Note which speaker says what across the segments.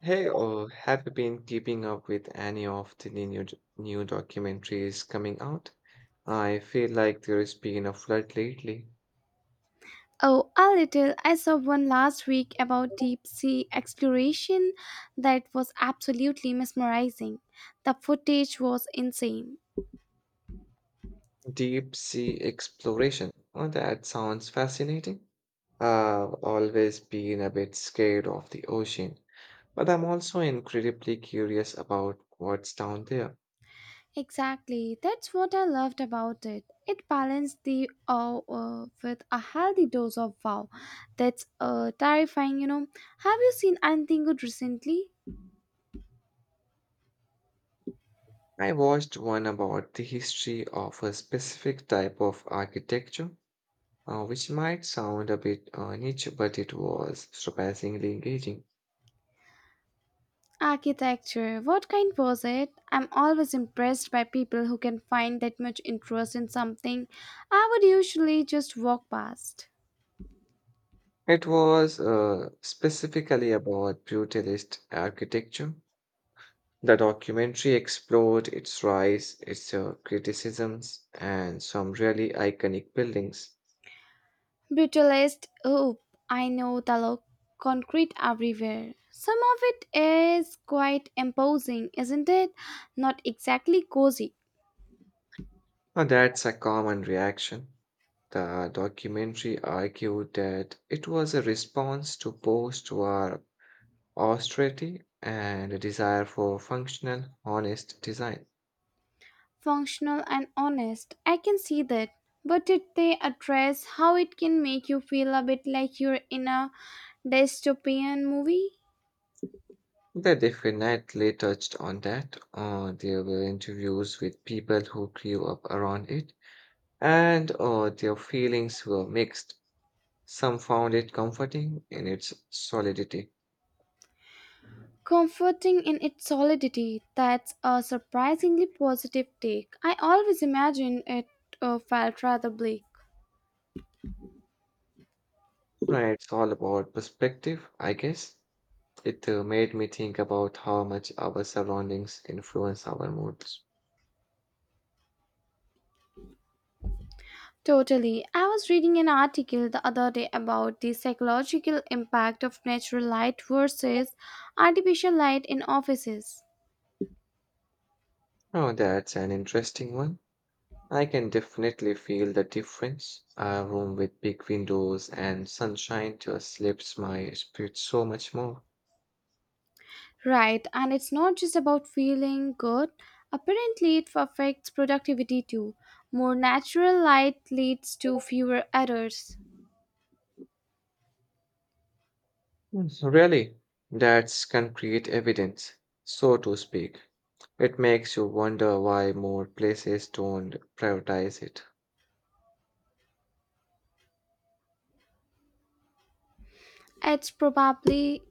Speaker 1: Hey, or have you been keeping up with any of the new new documentaries coming out? I feel like there has been a flood lately.
Speaker 2: Oh, a little. I saw one last week about deep sea exploration that was absolutely mesmerizing. The footage was insane.
Speaker 1: Deep sea exploration. Oh, that sounds fascinating. I've always been a bit scared of the ocean, but I'm also incredibly curious about what's down there.
Speaker 2: Exactly. That's what I loved about it. It balanced the awe with a healthy dose of wow. That's terrifying, you know. Have you seen anything good recently?
Speaker 1: I watched one about the history of a specific type of architecture, which might sound a bit niche, but it was surpassingly engaging.
Speaker 2: Architecture, what kind was it? I'm always impressed by people who can find that much interest in something I would usually just walk past.
Speaker 1: It was specifically about brutalist architecture. The documentary explored its rise, its criticisms, and some really iconic buildings.
Speaker 2: Brutalist, oh, I know the look, concrete everywhere. Some of it is quite imposing, isn't it? Not exactly cozy,
Speaker 1: Now, that's a common reaction. The documentary argued that it was a response to post war austerity and a desire for functional, honest design.
Speaker 2: functional, and honest. I can see that. But did they address how it can make you feel a bit like you're in a dystopian movie?
Speaker 1: They definitely touched on that. There were interviews with people who grew up around it, and their feelings were mixed. Some found it comforting in its solidity.
Speaker 2: Comforting in its solidity, that's a surprisingly positive take. I always imagined it felt rather bleak.
Speaker 1: It's all about perspective, I guess. It made me think about how much our surroundings influence our moods.
Speaker 2: Totally. I was reading an article the other day about the psychological impact of natural light versus artificial light in offices.
Speaker 1: Oh, that's an interesting one. I can definitely feel the difference. A room with big windows and sunshine just lifts my spirit so much more.
Speaker 2: Right, and it's not just about feeling good. Apparently, it affects productivity too. More natural light leads to fewer errors.
Speaker 1: Yes. Really, that's concrete evidence, so to speak. It makes you wonder why more places don't prioritize it.
Speaker 2: It's probably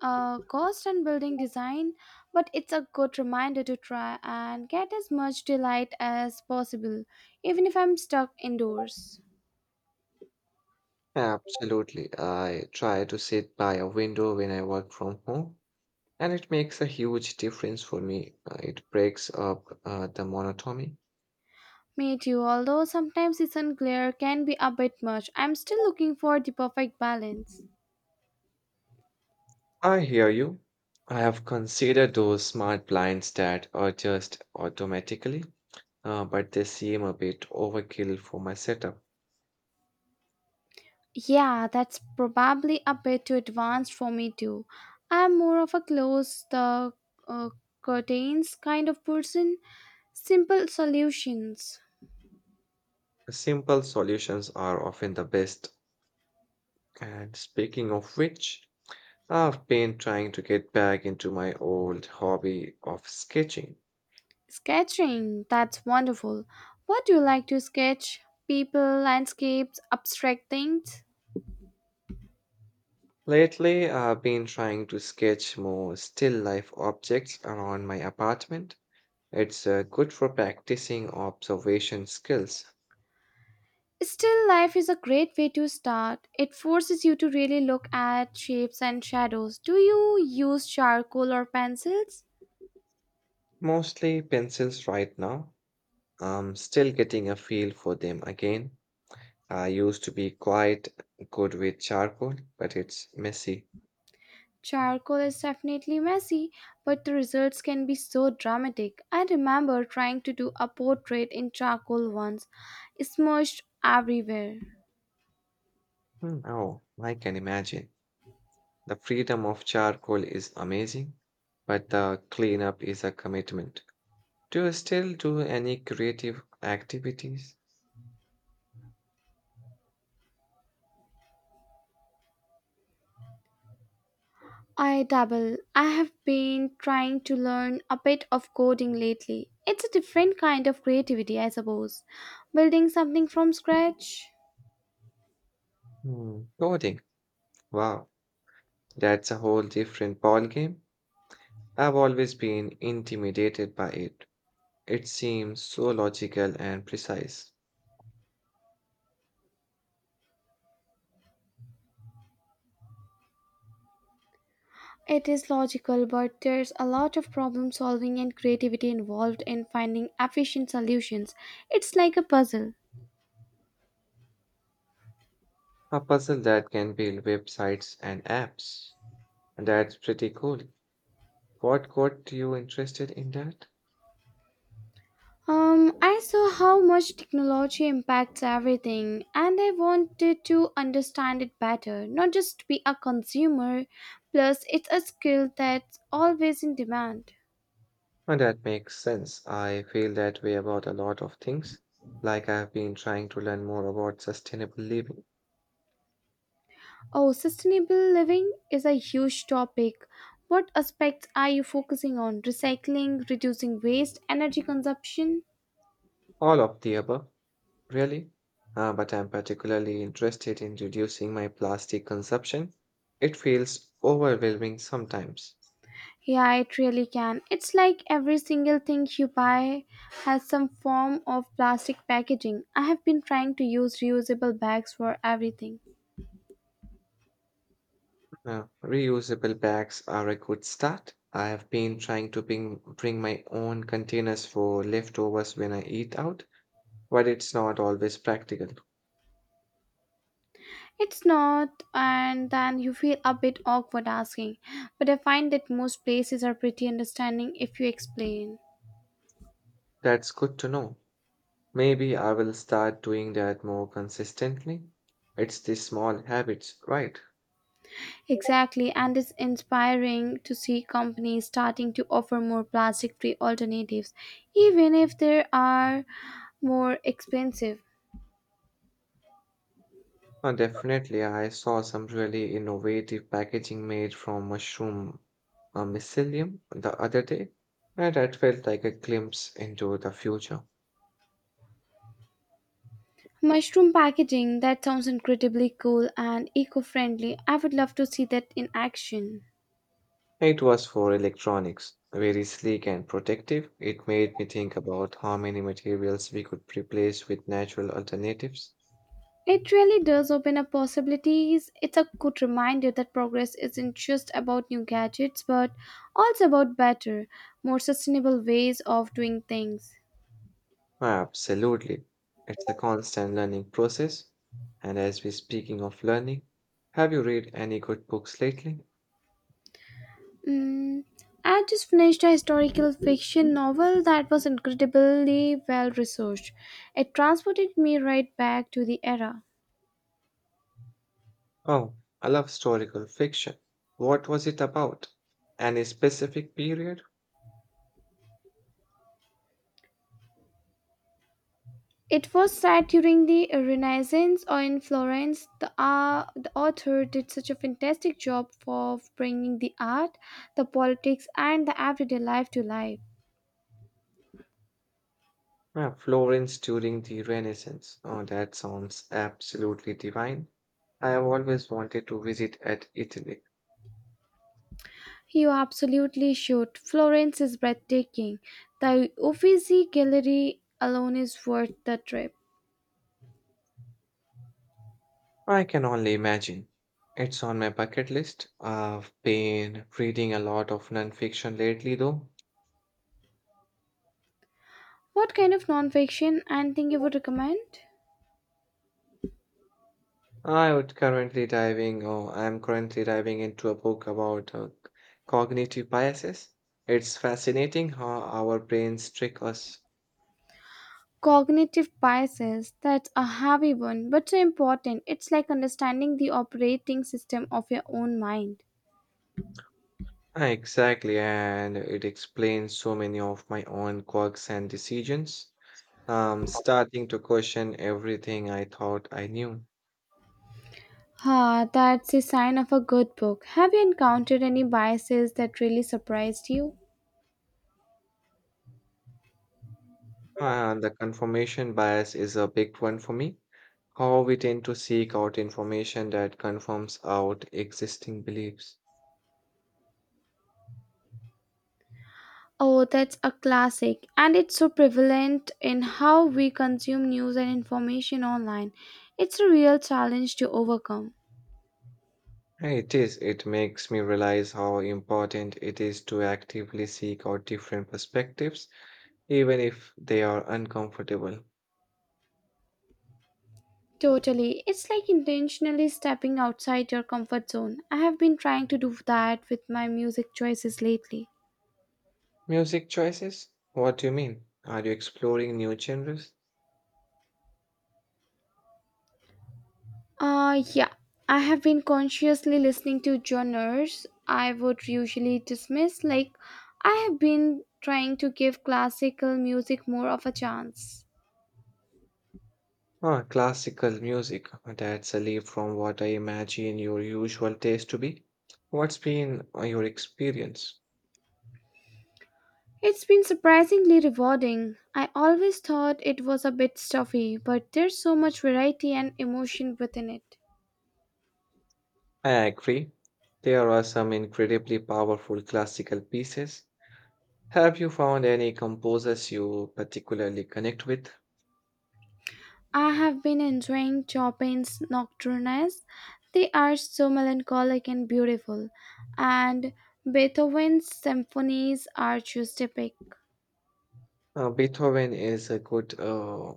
Speaker 2: a cost and building design, but it's a good reminder to try and get as much delight as possible, even if I'm stuck indoors.
Speaker 1: Absolutely. I try to sit by a window when I work from home, and it makes a huge difference for me. It breaks up the monotony.
Speaker 2: Me too, although sometimes it's unclear, can be a bit much. I'm still looking for the perfect balance.
Speaker 1: I hear you. I have considered those smart blinds that adjust automatically, but they seem a bit overkill for my setup.
Speaker 2: Yeah, that's probably a bit too advanced for me too. I'm more of a close the uh, curtains kind of person, simple solutions.
Speaker 1: Simple solutions are often the best. And speaking of which, I've been trying to get back into my old hobby of sketching.
Speaker 2: Sketching, that's wonderful. What do you like to sketch? People, landscapes, abstract things?
Speaker 1: Lately, I've been trying to sketch more still life objects around my apartment. It's good for practicing observation skills.
Speaker 2: Still life is a great way to start. It forces you to really look at shapes and shadows. Do you use charcoal or pencils?
Speaker 1: Mostly pencils right now. I'm still getting a feel for them again. I used to be quite good with charcoal, but it's messy.
Speaker 2: Charcoal is definitely messy, but the results can be so dramatic. I remember trying to do a portrait in charcoal once, smushed everywhere.
Speaker 1: Hmm. Oh, I can imagine. The freedom of charcoal is amazing, but the cleanup is a commitment. Do you still do any creative activities?
Speaker 2: I dabble. I have been trying to learn a bit of coding lately. It's a different kind of creativity, I suppose. Building something from scratch.
Speaker 1: Hmm. Coding. Wow, that's a whole different ballgame. I've always been intimidated by it. It seems so logical and precise.
Speaker 2: It is logical, but there's a lot of problem solving and creativity involved in finding efficient solutions. It's like a puzzle.
Speaker 1: A puzzle that can build websites and apps. And that's pretty cool. What got you interested in that?
Speaker 2: I saw how much technology impacts everything, and I wanted to understand it better, not just be a consumer. Plus, it's a skill that's always in demand.
Speaker 1: And that makes sense. I feel that way about a lot of things. Like, I've been trying to learn more about sustainable living.
Speaker 2: Oh, sustainable living is a huge topic. What aspects are you focusing on? Recycling, reducing waste, energy consumption?
Speaker 1: All of the above, really. But I'm particularly interested in reducing my plastic consumption. It feels overwhelming sometimes.
Speaker 2: Yeah, it really can. It's like every single thing you buy has some form of plastic packaging. I have been trying to use reusable bags for everything.
Speaker 1: Reusable bags are a good start. I have been trying to bring my own containers for leftovers when I eat out, but it's not always practical.
Speaker 2: It's not, and then you feel a bit awkward asking, but I find that most places are pretty understanding if you explain.
Speaker 1: That's good to know. Maybe I will start doing that more consistently. It's the small habits, right?
Speaker 2: Exactly, and it's inspiring to see companies starting to offer more plastic free alternatives, even if they are more expensive.
Speaker 1: Definitely, I saw some really innovative packaging made from mushroom mycelium the other day, and that felt like a glimpse into the future.
Speaker 2: Mushroom packaging, that sounds incredibly cool and eco friendly. I would love to see that in action.
Speaker 1: It was for electronics, very sleek and protective. It made me think about how many materials we could replace with natural alternatives.
Speaker 2: It really does open up possibilities. It's a good reminder that progress isn't just about new gadgets, but also about better, more sustainable ways of doing things.
Speaker 1: Absolutely. It's a constant learning process. And as we're speaking of learning, have you read any good books lately?
Speaker 2: Mm, I just finished a historical fiction novel that was incredibly well researched. It transported me right back to the era.
Speaker 1: Oh, I love historical fiction. What was it about? Any specific period?
Speaker 2: It was set during the Renaissance or in Florence. The author did such a fantastic job of bringing the art, the politics, and the everyday life to life.
Speaker 1: Yeah, Florence during the Renaissance. Oh, that sounds absolutely divine. I have always wanted to visit at Italy.
Speaker 2: You absolutely should. Florence is breathtaking. The Uffizi Gallery alone is worth the trip.
Speaker 1: I can only imagine. It's on my bucket list. I've been reading a lot of nonfiction lately, though.
Speaker 2: What kind of nonfiction and thing you would recommend?
Speaker 1: I'm currently diving into a book about cognitive biases. It's fascinating how our brains trick us.
Speaker 2: Cognitive biases. That's a heavy one, but so important. It's like understanding the operating system of your own mind.
Speaker 1: Ah, exactly, and it explains so many of my own quirks and decisions. I'm starting to question everything I thought I knew.
Speaker 2: Ah, that's a sign of a good book. Have you encountered any biases that really surprised you?
Speaker 1: And the confirmation bias is a big one for me. How we tend to seek out information that confirms out existing beliefs.
Speaker 2: Oh, that's a classic, and it's so prevalent in how we consume news and information online. It's a real challenge to overcome.
Speaker 1: And it is, it makes me realize how important it is to actively seek out different perspectives, even if they are uncomfortable.
Speaker 2: Totally. It's like intentionally stepping outside your comfort zone. I have been trying to do that with my music choices lately.
Speaker 1: Music choices? What do you mean? Are you exploring new genres?
Speaker 2: Yeah. I have been consciously listening to genres I would usually dismiss like I have been trying to give classical music more of a chance.
Speaker 1: Ah, classical music. That's a leap from what I imagine your usual taste to be. What's been your experience?
Speaker 2: It's been surprisingly rewarding. I always thought it was a bit stuffy, but there's so much variety and emotion within it.
Speaker 1: I agree. There are some incredibly powerful classical pieces. Have you found any composers you particularly connect with?
Speaker 2: I have been enjoying Chopin's Nocturnes. They are so melancholic and beautiful, and Beethoven's symphonies are just epic.
Speaker 1: Beethoven is a good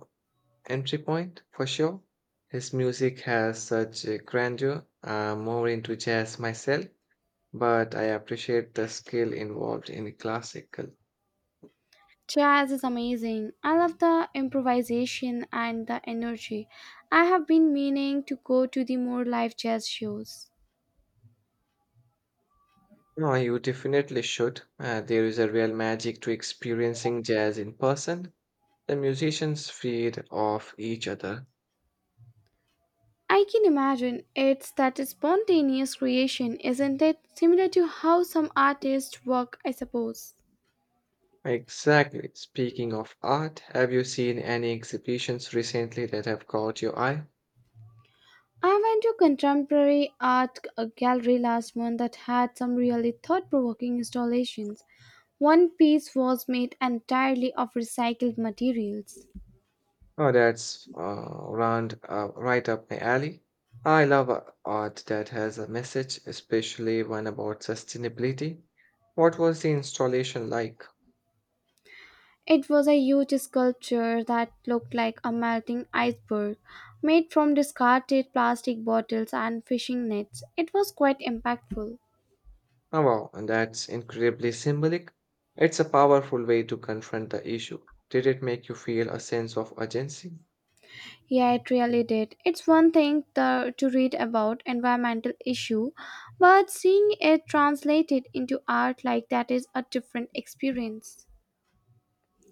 Speaker 1: entry point for sure. His music has such a grandeur. I'm more into jazz myself, but I appreciate the skill involved in classical.
Speaker 2: Jazz is amazing. I love the improvisation and the energy. I have been meaning to go to the more live jazz shows.
Speaker 1: No, you definitely should. There is a real magic to experiencing jazz in person. The musicians feed off each other.
Speaker 2: I can imagine it's that spontaneous creation, isn't it? Similar to how some artists work, I suppose.
Speaker 1: Exactly. Speaking of art, have you seen any exhibitions recently that have caught your eye?
Speaker 2: I went to contemporary art a gallery last month that had some really thought provoking installations. One piece was made entirely of recycled materials.
Speaker 1: Oh, that's round right up my alley. I love art that has a message, especially one about sustainability. What was the installation like?
Speaker 2: It was a huge sculpture that looked like a melting iceberg, made from discarded plastic bottles and fishing nets. It was quite impactful.
Speaker 1: Oh, wow, and that's incredibly symbolic. It's a powerful way to confront the issue. Did it make you feel a sense of urgency?
Speaker 2: Yeah, it really did. It's one thing to read about environmental issue, but seeing it translated into art like that is a different experience.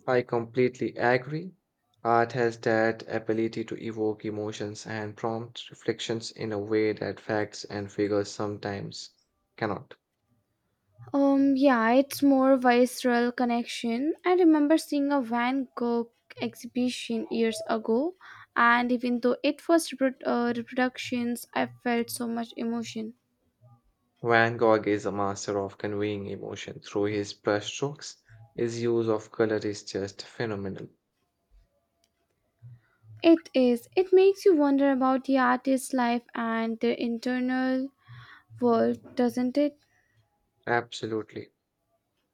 Speaker 1: I completely agree. Art has that ability to evoke emotions and prompt reflections in a way that facts and figures sometimes cannot.
Speaker 2: Yeah, it's more visceral connection. I remember seeing a Van Gogh exhibition years ago, and even though it was reproductions, I felt so much emotion.
Speaker 1: Van Gogh is a master of conveying emotion through his brushstrokes. His use of color is just phenomenal.
Speaker 2: It is. It makes you wonder about the artist's life and their internal world, doesn't it?
Speaker 1: Absolutely.